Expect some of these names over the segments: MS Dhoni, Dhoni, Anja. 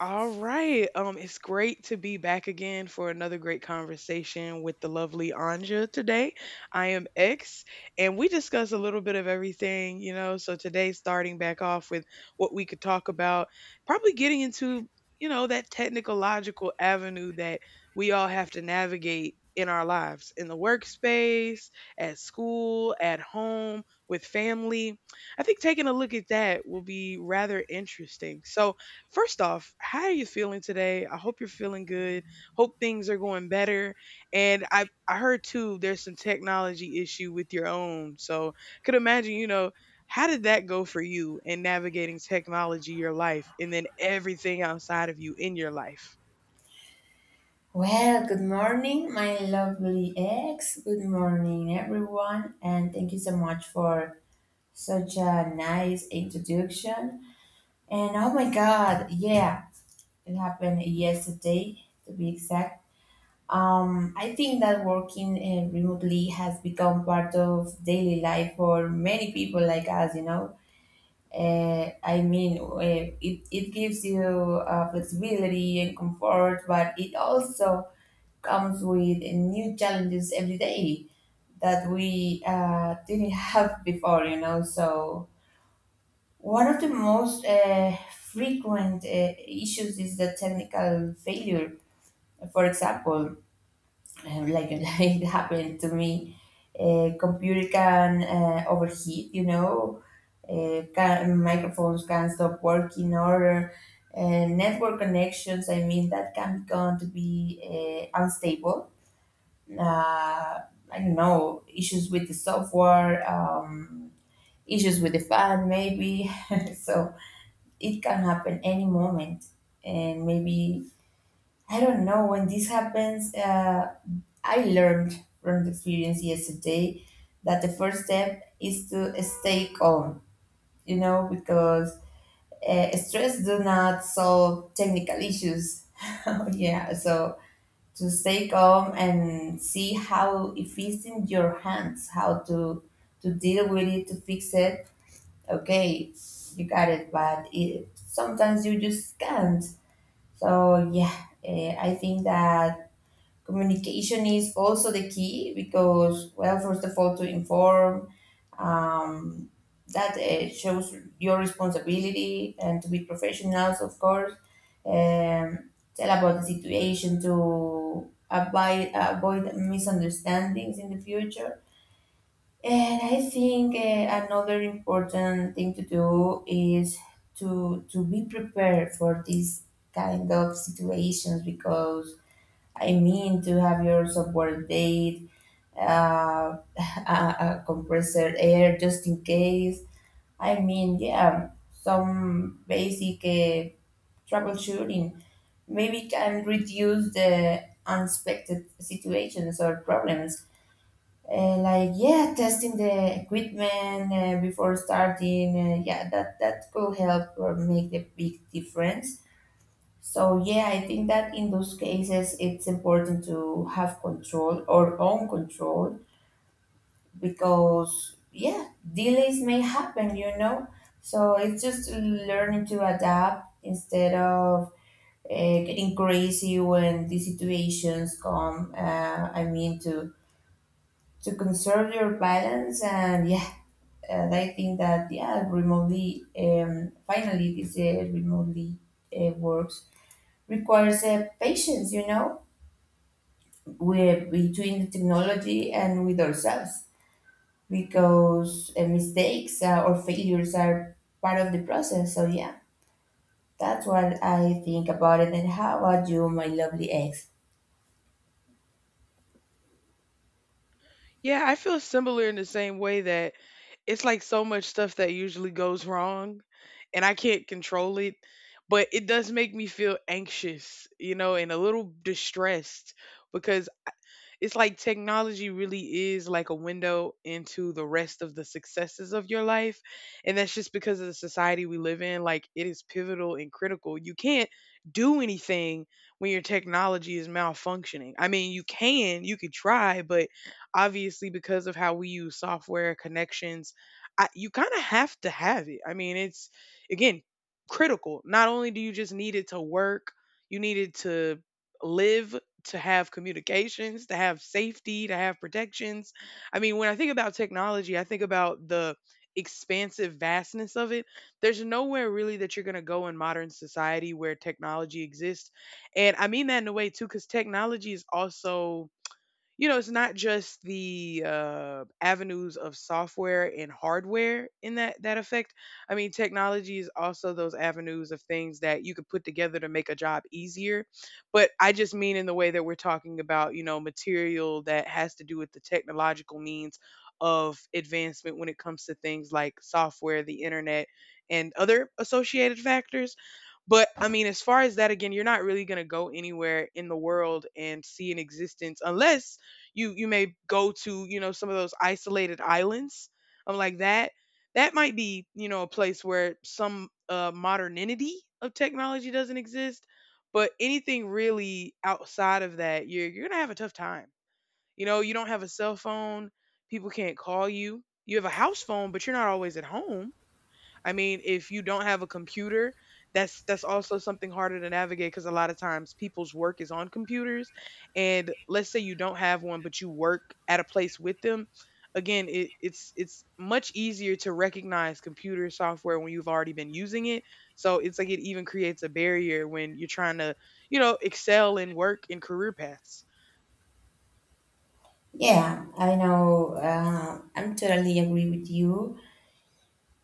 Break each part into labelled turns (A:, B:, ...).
A: All right. It's great to be back again for another great conversation with the lovely Anja today. I am X, and we discuss a little bit of everything, you know. So today, starting back off with what we could talk about, probably getting into, you know, that technical logical avenue that we all have to navigate in our lives, in the workspace, at school, at home, with family. I think taking a look at that will be rather interesting. So, first off, how are you feeling today? I hope you're feeling good. Hope things are going better. And I heard too there's some technology issue with your own. So could imagine, you know, how did that go for you in navigating technology, your life, and then everything outside of you in your life?
B: Well, good morning, my lovely ex. Good morning, everyone, and thank you so much for such a nice introduction. And oh my God, yeah, it happened yesterday to be exact. I think that working remotely has become part of daily life for many people like us, you know. I mean, it gives you flexibility and comfort, but it also comes with new challenges every day that we didn't have before, you know. So, one of the most frequent issues is the technical failure. For example, like like it happened to me, a computer can overheat, you know, microphones can stop working, or network connections, I mean, that can become to be unstable. uh, I don't know, issues with the software, issues with the fan, maybe. So it can happen any moment. And maybe, I don't know, when this happens, I learned from the experience yesterday that the first step is to stay calm, you know, because stress do not solve technical issues. Yeah, so to stay calm and see how, if it's in your hands, how to deal with it, to fix it. Okay, you got it, but it, sometimes you just can't. So yeah, I think that communication is also the key because, well, first of all, to inform, um, that shows your responsibility and to be professionals, of course. Tell about the situation to avoid, misunderstandings in the future. And I think another important thing to do is to be prepared for these kind of situations because, I mean, to have your software date, a compressor air just in case. I mean, yeah, some basic troubleshooting maybe can reduce the unexpected situations or problems. Like, yeah, testing the equipment before starting. Yeah, that could help or make the big difference. So yeah, I think that in those cases it's important to have control or own control because, yeah, delays may happen, you know. So it's just learning to adapt instead of getting crazy when these situations come. I mean, to conserve your balance. And yeah, and I think that, yeah, remotely, finally, this remotely works requires patience, you know, with, between the technology and with ourselves, because mistakes or failures are part of the process. So yeah, that's what I think about it. And how about you, my lovely ex?
A: Yeah, I feel similar in the same way that it's like so much stuff that usually goes wrong and I can't control it. But it does make me feel anxious, you know, and a little distressed because it's like technology really is like a window into the rest of the successes of your life. And that's just because of the society we live in. Like it is pivotal and critical. You can't do anything when your technology is malfunctioning. I mean, you can, you could try, but obviously because of how we use software connections, you kind of have to have it. I mean, it's again critical. Not only do you just need it to work, you need it to live to have communications, to have safety, to have protections. I mean, when I think about technology, I think about the expansive vastness of it. There's nowhere really that you're going to go in modern society where technology exists. And I mean that in a way too cuz technology is also, you know, it's not just the avenues of software and hardware in that affect. I mean, technology is also those avenues of things that you could put together to make a job easier. But I just mean in the way that we're talking about, you know, material that has to do with the technological means of advancement when it comes to things like software, the internet, and other associated factors. But I mean, as far as that, again, you're not really going to go anywhere in the world and see an existence unless you may go to, you know, some of those isolated islands, like that that might be, you know, a place where some modernity of technology doesn't exist, but anything really outside of that, you're gonna have a tough time. You know, you don't have a cell phone, people can't call you, you have a house phone, but you're not always at home. I mean, if you don't have a computer, that's also something harder to navigate because a lot of times people's work is on computers, and let's say you don't have one, but you work at a place with them. Again, it's much easier to recognize computer software when you've already been using it. So it's like it even creates a barrier when you're trying to, you know, excel in work and career paths.
B: Yeah, I know. I'm totally agree with you.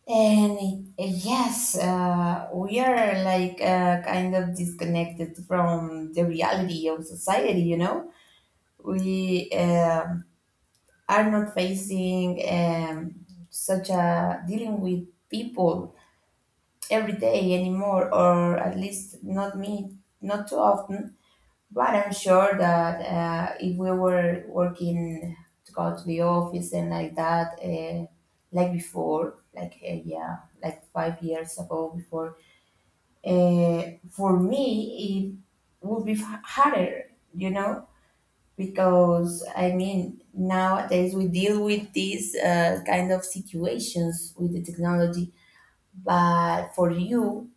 B: And yes, we are like kind of disconnected from the reality of society. You know, we are not facing such a dealing with people every day anymore, or at least not me, not too often. But I'm sure that if we were working to go to the office and like that, like before, like yeah, like 5 years ago before, uh, for me it would be harder, you know, because I mean nowadays we deal with these kind of situations with the technology, but for you,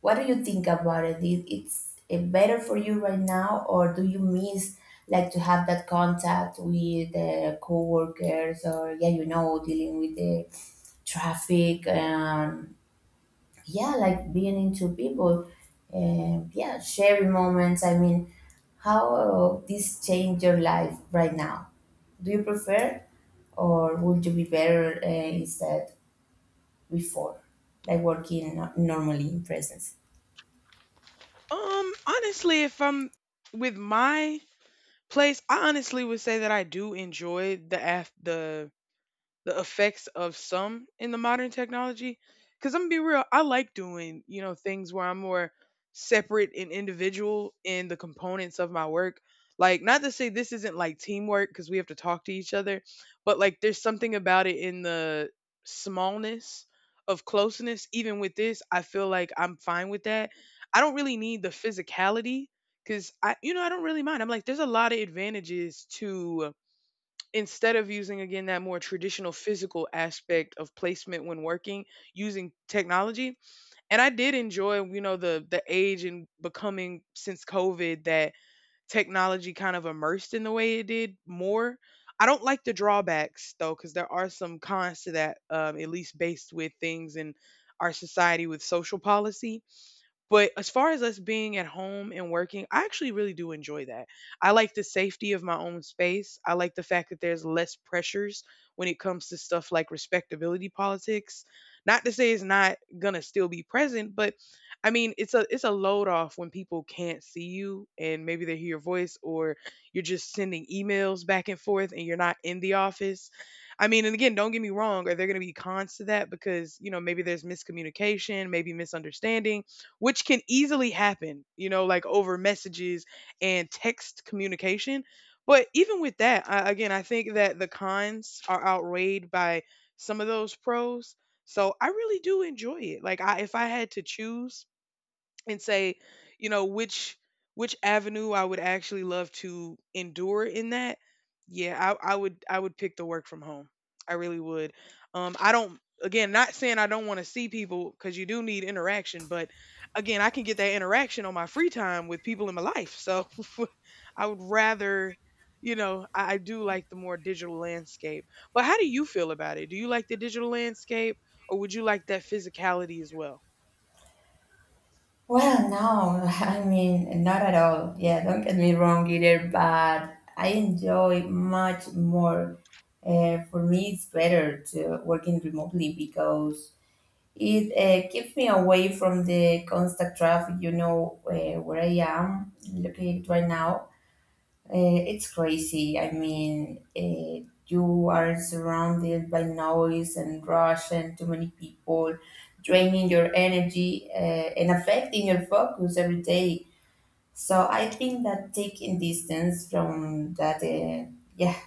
B: what do you think about it? Is it's better for you right now, or do you miss like to have that contact with the coworkers, or, yeah, you know, dealing with the traffic, and yeah, like being into people, and yeah, sharing moments. I mean, how this change your life right now? Do you prefer, or would you be better instead before, like working normally in presence?
A: Honestly, if I'm with my place, I honestly would say that I do enjoy the af the effects of some in the modern technology. Because I'm gonna be real, I like doing, you know, things where I'm more separate and individual in the components of my work. Like, not to say this isn't like teamwork because we have to talk to each other, but like there's something about it in the smallness of closeness. Even with this, I feel like I'm fine with that. I don't really need the physicality because I, you know, I don't really mind. I'm like, there's a lot of advantages to instead of using again that more traditional physical aspect of placement when working using technology. And I did enjoy, you know, the age and becoming since COVID that technology kind of immersed in the way it did more. I don't like the drawbacks though, because there are some cons to that, at least based with things in our society with social policy. But as far as us being at home and working, I actually really do enjoy that. I like the safety of my own space. I like the fact that there's less pressures when it comes to stuff like respectability politics. Not to say it's not going to still be present, but I mean, it's a load off when people can't see you and maybe they hear your voice or you're just sending emails back and forth and you're not in the office. I mean, and again, don't get me wrong, are there going to be cons to that because, you know, maybe there's miscommunication, maybe misunderstanding, which can easily happen, you know, like over messages and text communication. But even with that, I, again, I think that the cons are outweighed by some of those pros. So I really do enjoy it. Like I, if I had to choose and say, you know, which avenue I would actually love to endure in that, yeah, I, would pick the work from home. I really would. I don't, again, not saying I don't want to see people because you do need interaction, but again I can get that interaction on my free time with people in my life. So I would rather, you know, I do like the more digital landscape. But how do you feel about it? Do you like the digital landscape, or would you like that physicality as well?
B: Well, no, I mean, not at all. Yeah, don't get me wrong either, but I enjoy much more. For me, it's better to working remotely because it keeps me away from the constant traffic, you know, where I am located right now. It's crazy. I mean, you are surrounded by noise and rush and too many people, draining your energy and affecting your focus every day. So I think that taking distance from that, yeah,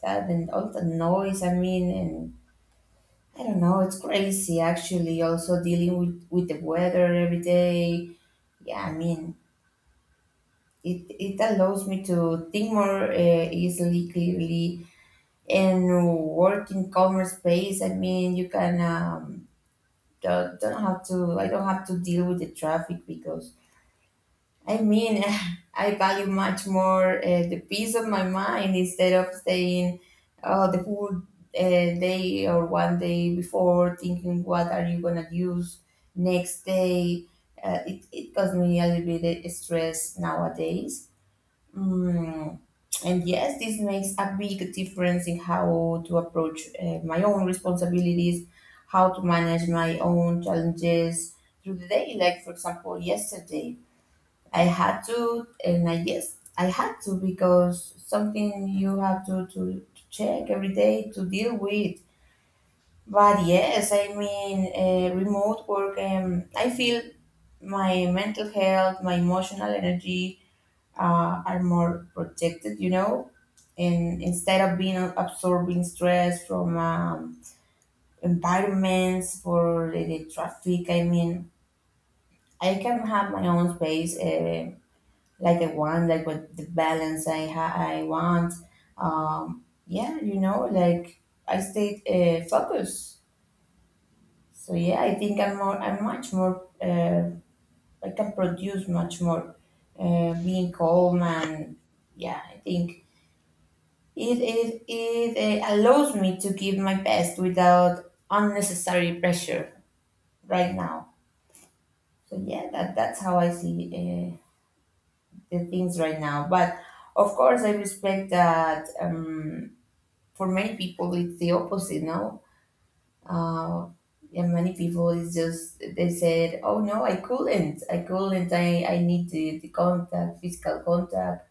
B: that and all the noise. I mean, and I don't know. It's crazy actually. Also dealing with the weather every day. Yeah, I mean, it allows me to think more easily, clearly, and work in calmer space. I mean, you can, don't have to. I don't have to deal with the traffic because, I mean, I value much more the peace of my mind instead of staying the whole day, or one day before thinking what are you gonna use next day. It caused me a little bit of stress nowadays. Mm. And yes, this makes a big difference in how to approach my own responsibilities, how to manage my own challenges through the day. Like, for example, yesterday, I had to, and I, yes, I had to, because something you have to, to, check every day to deal with. But yes, I mean, remote work, I feel my mental health, my emotional energy are more protected, you know, and instead of being absorbing stress from environments for the traffic, I mean, I can have my own space like I want, like with the balance I I want. Yeah, you know, like, I stayed focused. So yeah, I'm much more I can produce much more being calm. And yeah, I think it allows me to give my best without unnecessary pressure right now. So yeah, that's how I see the things right now. But of course, I respect that, for many people it's the opposite. No, uh, yeah, many people, it's just they said, "Oh no, I couldn't, I couldn't, I need the contact, physical contact."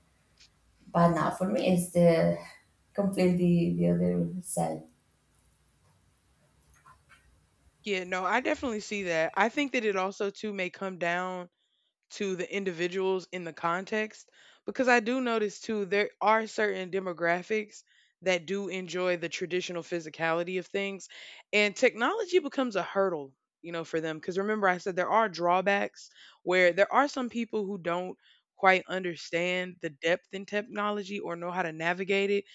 B: But now for me, it's the completely the other side.
A: Yeah, no, I definitely see that. I think that it also too may come down to the individuals in the context because I do notice too there are certain demographics that do enjoy the traditional physicality of things, and technology becomes a hurdle, you know, for them because remember I said there are drawbacks where there are some people who don't quite understand the depth in technology or know how to navigate it,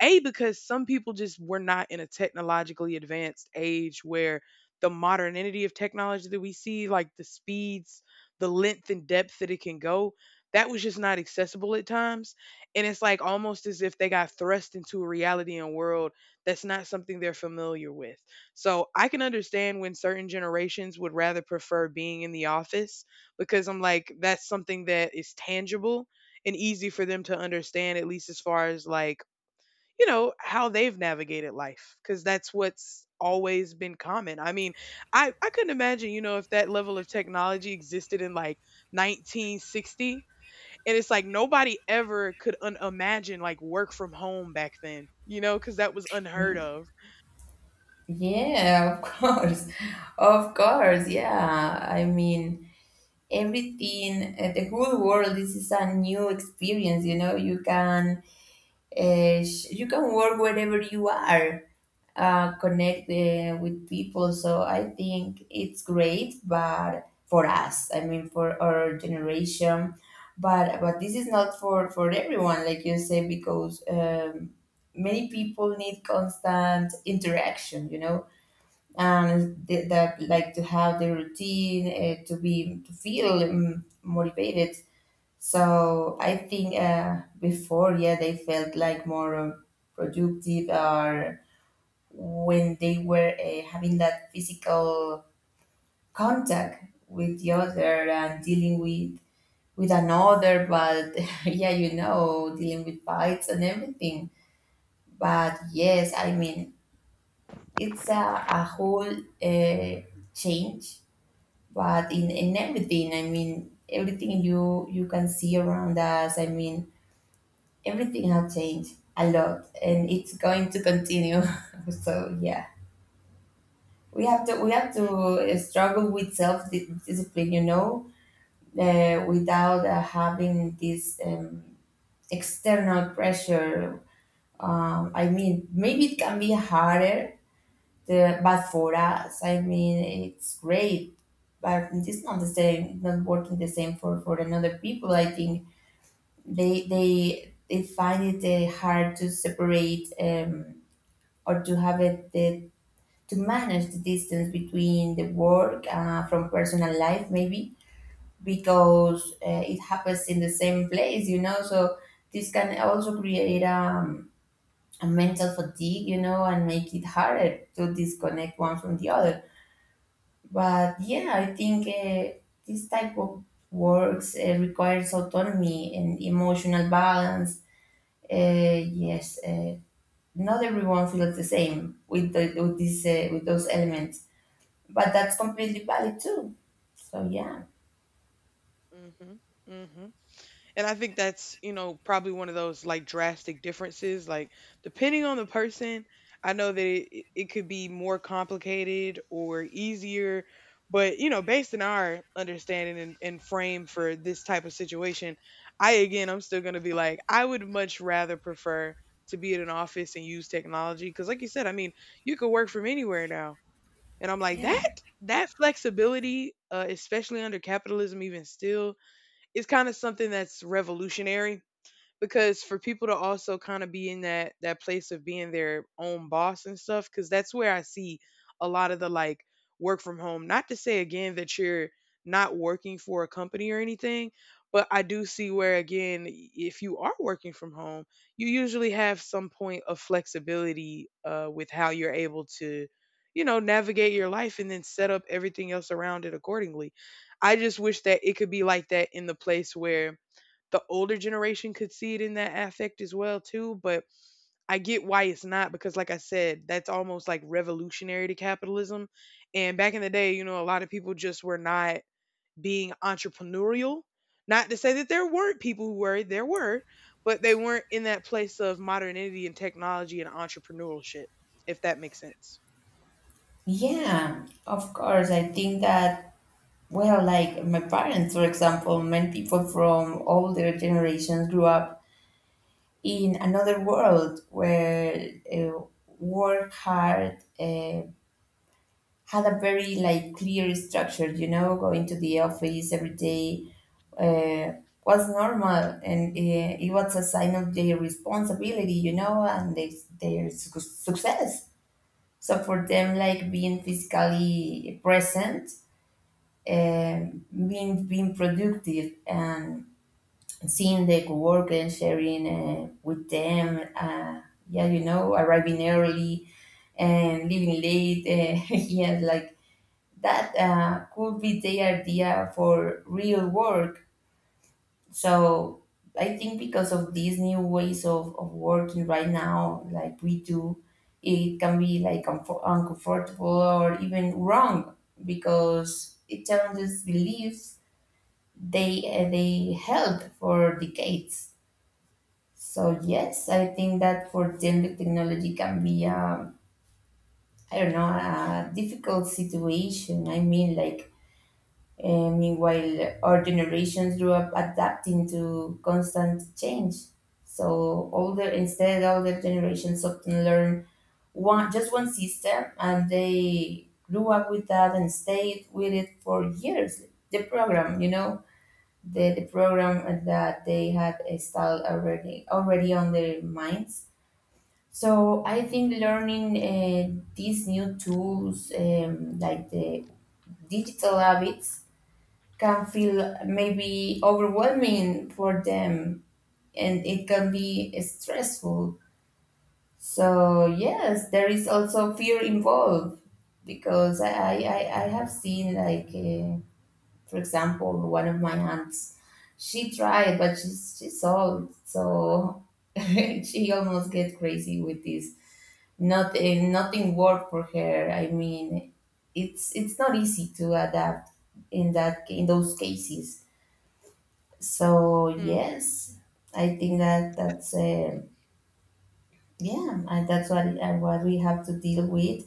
A: a because some people just were not in a technologically advanced age where the modernity of technology that we see, like the speeds, the length and depth that it can go, that was just not accessible at times. And it's like almost as if they got thrust into a reality and world that's not something they're familiar with. So I can understand when certain generations would rather prefer being in the office because I'm like, that's something that is tangible and easy for them to understand, at least as far as like, you know, how they've navigated life because that's what's always been common. I mean, I couldn't imagine, you know, if that level of technology existed in like 1960, and it's like nobody ever could imagine like work from home back then, you know, cuz that was
B: Yeah.
A: unheard of.
B: Yeah, of course. Of course. Yeah. I mean, everything, the whole world, this is a new experience, you know. You can you can work wherever you are, connect with people. So I think it's great, but for us, I mean, for our generation, but this is not for everyone, like you say, because, many people need constant interaction, you know, and that, like to have the routine to be to feel motivated. So I think before, yeah, they felt like more productive, or when they were having that physical contact with the other and dealing with another, but yeah, you know, dealing with bites and everything. But yes, I mean, it's a whole uh, change, but in everything, I mean, everything you you can see around us, I mean, everything has changed a lot and it's going to continue. So yeah, we have to
A: Mm,
B: struggle with self discipline, you know, without having this, external pressure I mean, maybe it can be harder, but for us, I mean, it's great, but it's not the same, not working the same for another people, I think they they find it hard to separate, or to have it to manage the distance between the work from personal life, maybe, because it happens in the same place, you know. So this can also create, a mental fatigue, you know, and make it harder to disconnect one from the other. But yeah, I think this type of works requires autonomy and emotional balance. Yes, not everyone feels the same with with this, with those elements, but that's completely valid too. So yeah,
A: mhm. Mhm. And I think that's, you know, probably one of those like drastic differences. Like, depending on the person, I know that it could be more complicated or easier. But, you know, based on our understanding and frame for this type of situation, I, again, I'm still going to be like, I would much rather prefer to be in an office and use technology. Cause, like you said, I mean, you could work from anywhere now. And I'm like,
B: yeah,
A: that, that flexibility, especially under capitalism, even still, it's kind of something that's revolutionary because for people to also kind of be in that place of being their own boss and stuff because that's where I see a lot of the like work from home, not to say again that you're not working for a company or anything, but I do see where again if you are working from home, you usually have some point of flexibility with how you're able to, you know, navigate your life and then set up everything else around it accordingly. I just wish that it could be like that in the place where the older generation could see it in that affect as well too, but I get why it's not because like I said, that's almost like revolutionary to capitalism. And back in the day, you know, a lot of people just were not being entrepreneurial. Not to say that there weren't people who were, there were, but they weren't in that place of modernity and technology and entrepreneurship, if that makes sense.
B: yeah. Of course, I think that, well, like my parents, for example, many people from older generations grew up in another world where work hard. Had a very like clear structure, you know, going to the office every day uh, was normal, and it was a sign of their responsibility, you know, and their success. So for them, like being physically present, being productive and seeing their work and sharing with them, yeah, you know, arriving early and leaving late, yeah, like that, could be the idea for real work. So I think because of these new ways of working right now, like we do, it can be like uncomfortable or even wrong, because it challenges beliefs they held for decades. So yes, I think that for them the technology can be, I don't know, a difficult situation. I mean like. And meanwhile, our generations grew up adapting to constant change. So older, instead, older generations often learn one just one system, and they grew up with that and stayed with it for years. The program, you know, the program that they had installed already on their minds. So I think learning these new tools, like the digital habits can feel maybe overwhelming for them, and it can be stressful. So, yes, there is also fear involved because I have seen, like, for example, one of my aunts, she tried, but she's old. So she almost get crazy with this. Nothing worked for her. I mean, it's not easy to adapt in those cases, so
A: Mm,
B: yes, I think that that's yeah, and that's what we have to deal with.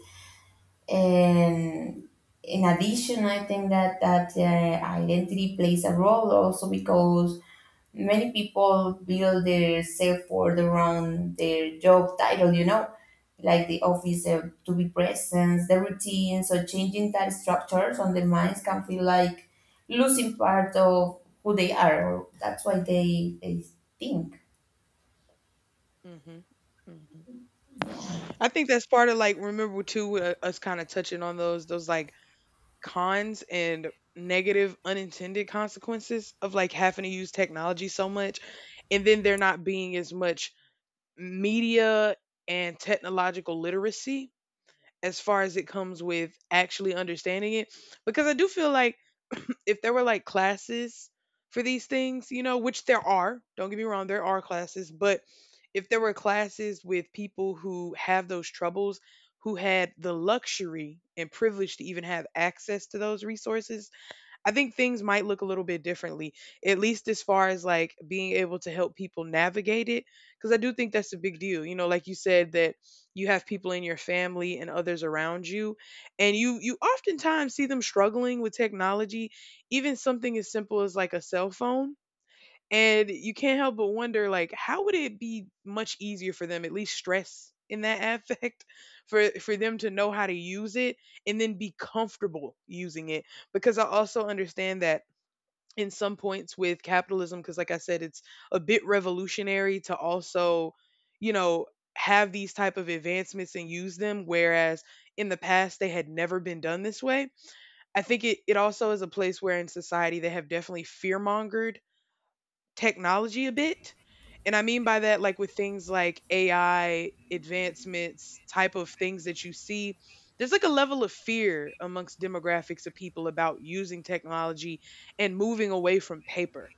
B: And in addition, I think that identity plays a role also, because many people build their self worth around their job title, you know, like the office, to be presence, the routine. So changing that structures on their minds can feel like losing part of who they are. Or that's why they think.
A: mhm. Mhm.
B: Yeah,
A: I think that's part of like remember too us kind of touching on those like cons and negative unintended consequences of like having to use technology so much, and then there not being as much media and technological literacy as far as it comes with actually understanding it, because I do feel like if there were like classes for these things, you know, which there are, don't get me wrong, there are classes, but if there were classes with people who have those troubles, who had the luxury and privilege to even have access to those resources, I think things might look a little bit differently, at least as far as like being able to help people navigate it. Because I do think that's a big deal. You know, like you said, that you have people in your family and others around you, and you oftentimes see them struggling with technology, even something as simple as like a cell phone, and you can't help but wonder, like, how would it be much easier for them, at least stress in that affect, for them to know how to use it and then be comfortable using it? Because I also understand that in some points with capitalism, because like I said, it's a bit revolutionary to also, you know, have these type of advancements and use them, whereas in the past they had never been done this way. I think it also is a place where in society they have definitely fear mongered technology a bit. And I mean by that, like with things like AI advancements, type of things that you see, there's like a level of fear amongst demographics of people about using technology and moving away from paper.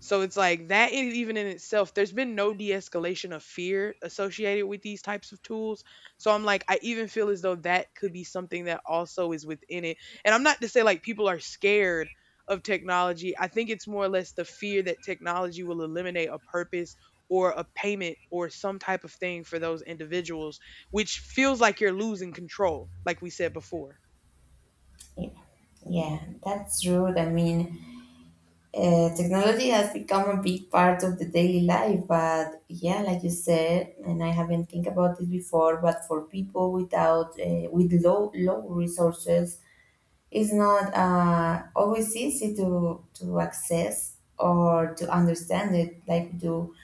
A: So it's like that in, even in itself, there's been no de-escalation of fear associated with these types of tools. So I'm like, I even feel as though that could be something that also is within it. And I'm not to say like people are scared of technology. I think it's more or less the fear that technology will eliminate a purpose or a payment or some type of thing for those individuals, which feels like you're losing control, like we said before.
B: yeah, yeah. That's rude. I mean, technology has become a big part of the daily life, but yeah, like you said, and I haven't think about this before, but for people without with low resources, it's not always easy to access or to understand it like we do.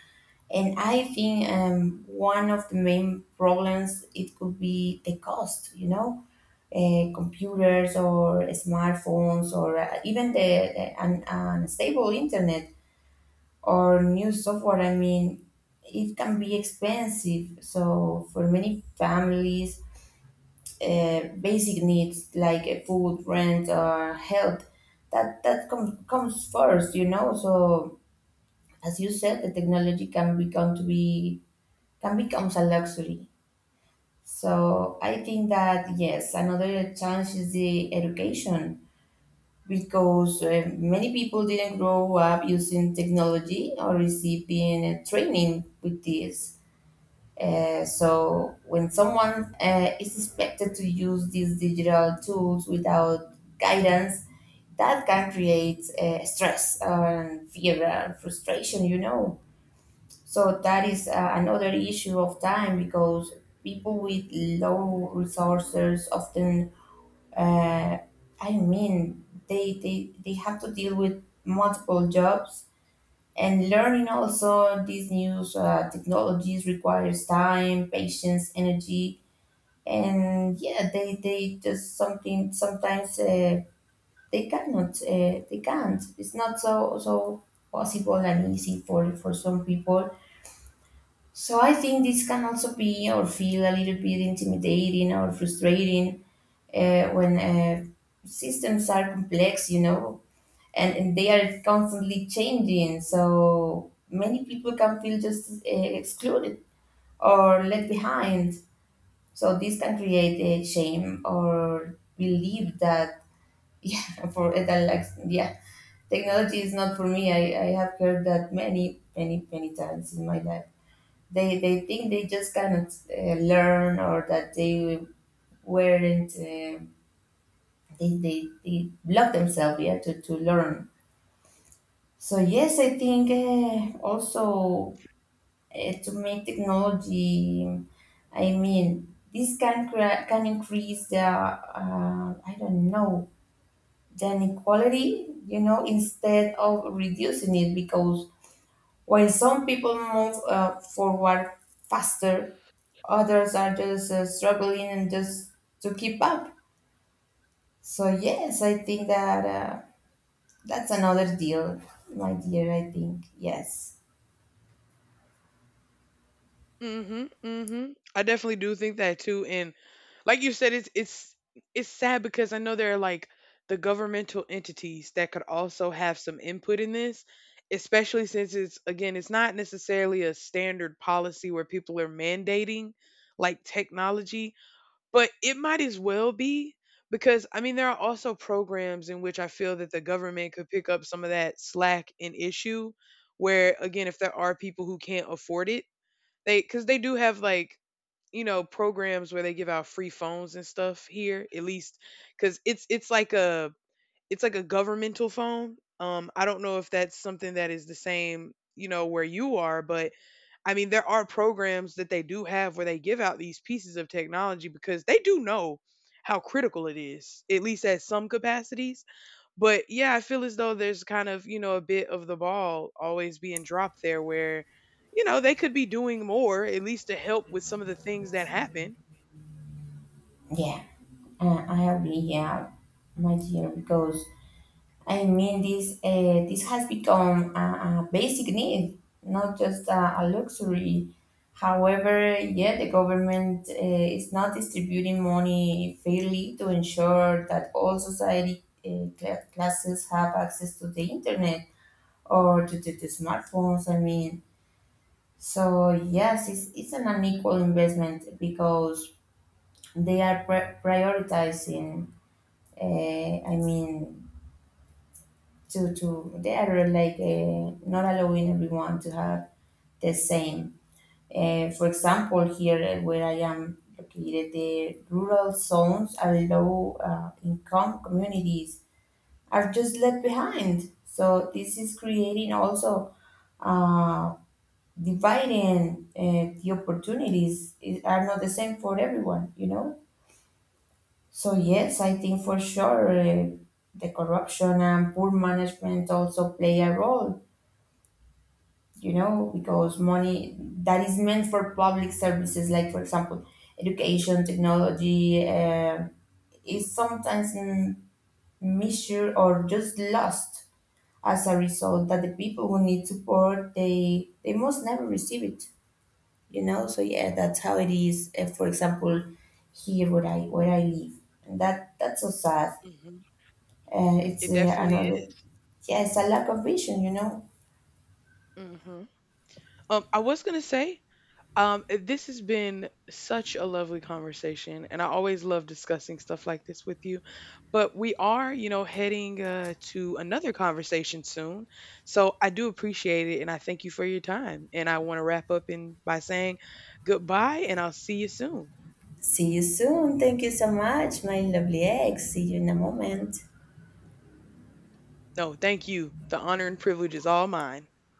B: And I think one of the main problems it could be the cost, you know, computers or smartphones or even the unstable internet or new software. I mean, it can be expensive. So for many families, basic needs like food, rent, or health, that comes first, you know. So as you said, the technology can become to be can becomes a luxury. So I think that yes, another challenge is the education, because many people didn't grow up using technology or receiving training with this. So when someone is expected to use these digital tools without guidance, that can create stress and fear and frustration, you know. So that is another issue of time, because people with low resources often, uh, I mean, they have to deal with multiple jobs, and learning also these new technologies requires time, patience, energy, and yeah, they just something sometimes they can't. It's not so possible and easy for some people. So I think this can also be or feel a little bit intimidating or frustrating when systems are complex. You know, and they are constantly changing. So many people can feel just excluded or left behind. So this can create a shame or believe that yeah, for it I like yeah, technology is not for me. I have heard that many many many times in my life. They think they just cannot learn, or that they weren't. They block themselves yeah to learn. So yes, I think also to make technology, I mean, this can can increase the I don't know, the inequality, you know, instead of reducing it, because while some people move forward faster, others are just struggling and just to keep up. So yes, I think that that's another deal, my dear. I think yes.
A: Mhm, mhm. I definitely do think that too, and like you said, it's sad because I know there are like the governmental entities that could also have some input in this, especially since it's again, it's not necessarily a standard policy where people are mandating like technology, but it might as well be, because I mean there are also programs in which I feel that the government could pick up some of that slack and issue, where again if there are people who can't afford it, they cuz they do have like, you know, programs where they give out free phones and stuff here, at least cuz it's like a governmental phone. I don't know if that's something that is the same, you know, where you are, but I mean there are programs that they do have where they give out these pieces of technology because they do know how critical it is, at least at some capacities. But yeah, I feel as though there's kind of, you know, a bit of the ball always being dropped there where, you know, they could be doing more, at least to help with some of the things that happen.
B: Yeah, I agree. Yeah, my dear, because I mean this has become a basic need, not just a luxury. However, yeah, the government is not distributing money fairly to ensure that all society classes have access to the internet or to the smartphones. I mean, so yes, it's an unequal investment, because they are prioritizing I mean, to they are like not allowing everyone to have the same. For example, here where I am located, the rural zones and low income communities are just left behind. So this is creating also uh, dividing the opportunities are not the same for everyone. You know. So yes, I think for sure the corruption and poor management also play a role, you know, because money that is meant for public services, like for example, education, technology, is sometimes misuse or just lost, as a result that the people who need support they must never receive it, you know. So yeah, that's how it is. For example, here where I live, and that's so sad.
A: Mhm.
B: Uh, it's
A: It
B: uh,
A: definitely
B: another,
A: is.
B: yeah, it's a lack of vision, you know.
A: Mhm. I was gonna say, This has been such a lovely conversation, and I always love discussing stuff like this with you. But we are, you know, heading to another conversation soon. So I do appreciate it, and I thank you for your time. And I want to wrap up in by saying goodbye, and I'll see you soon.
B: See you soon. Thank you so much, my lovely ex. See you in a moment.
A: No, thank you. The honor and privilege is all mine.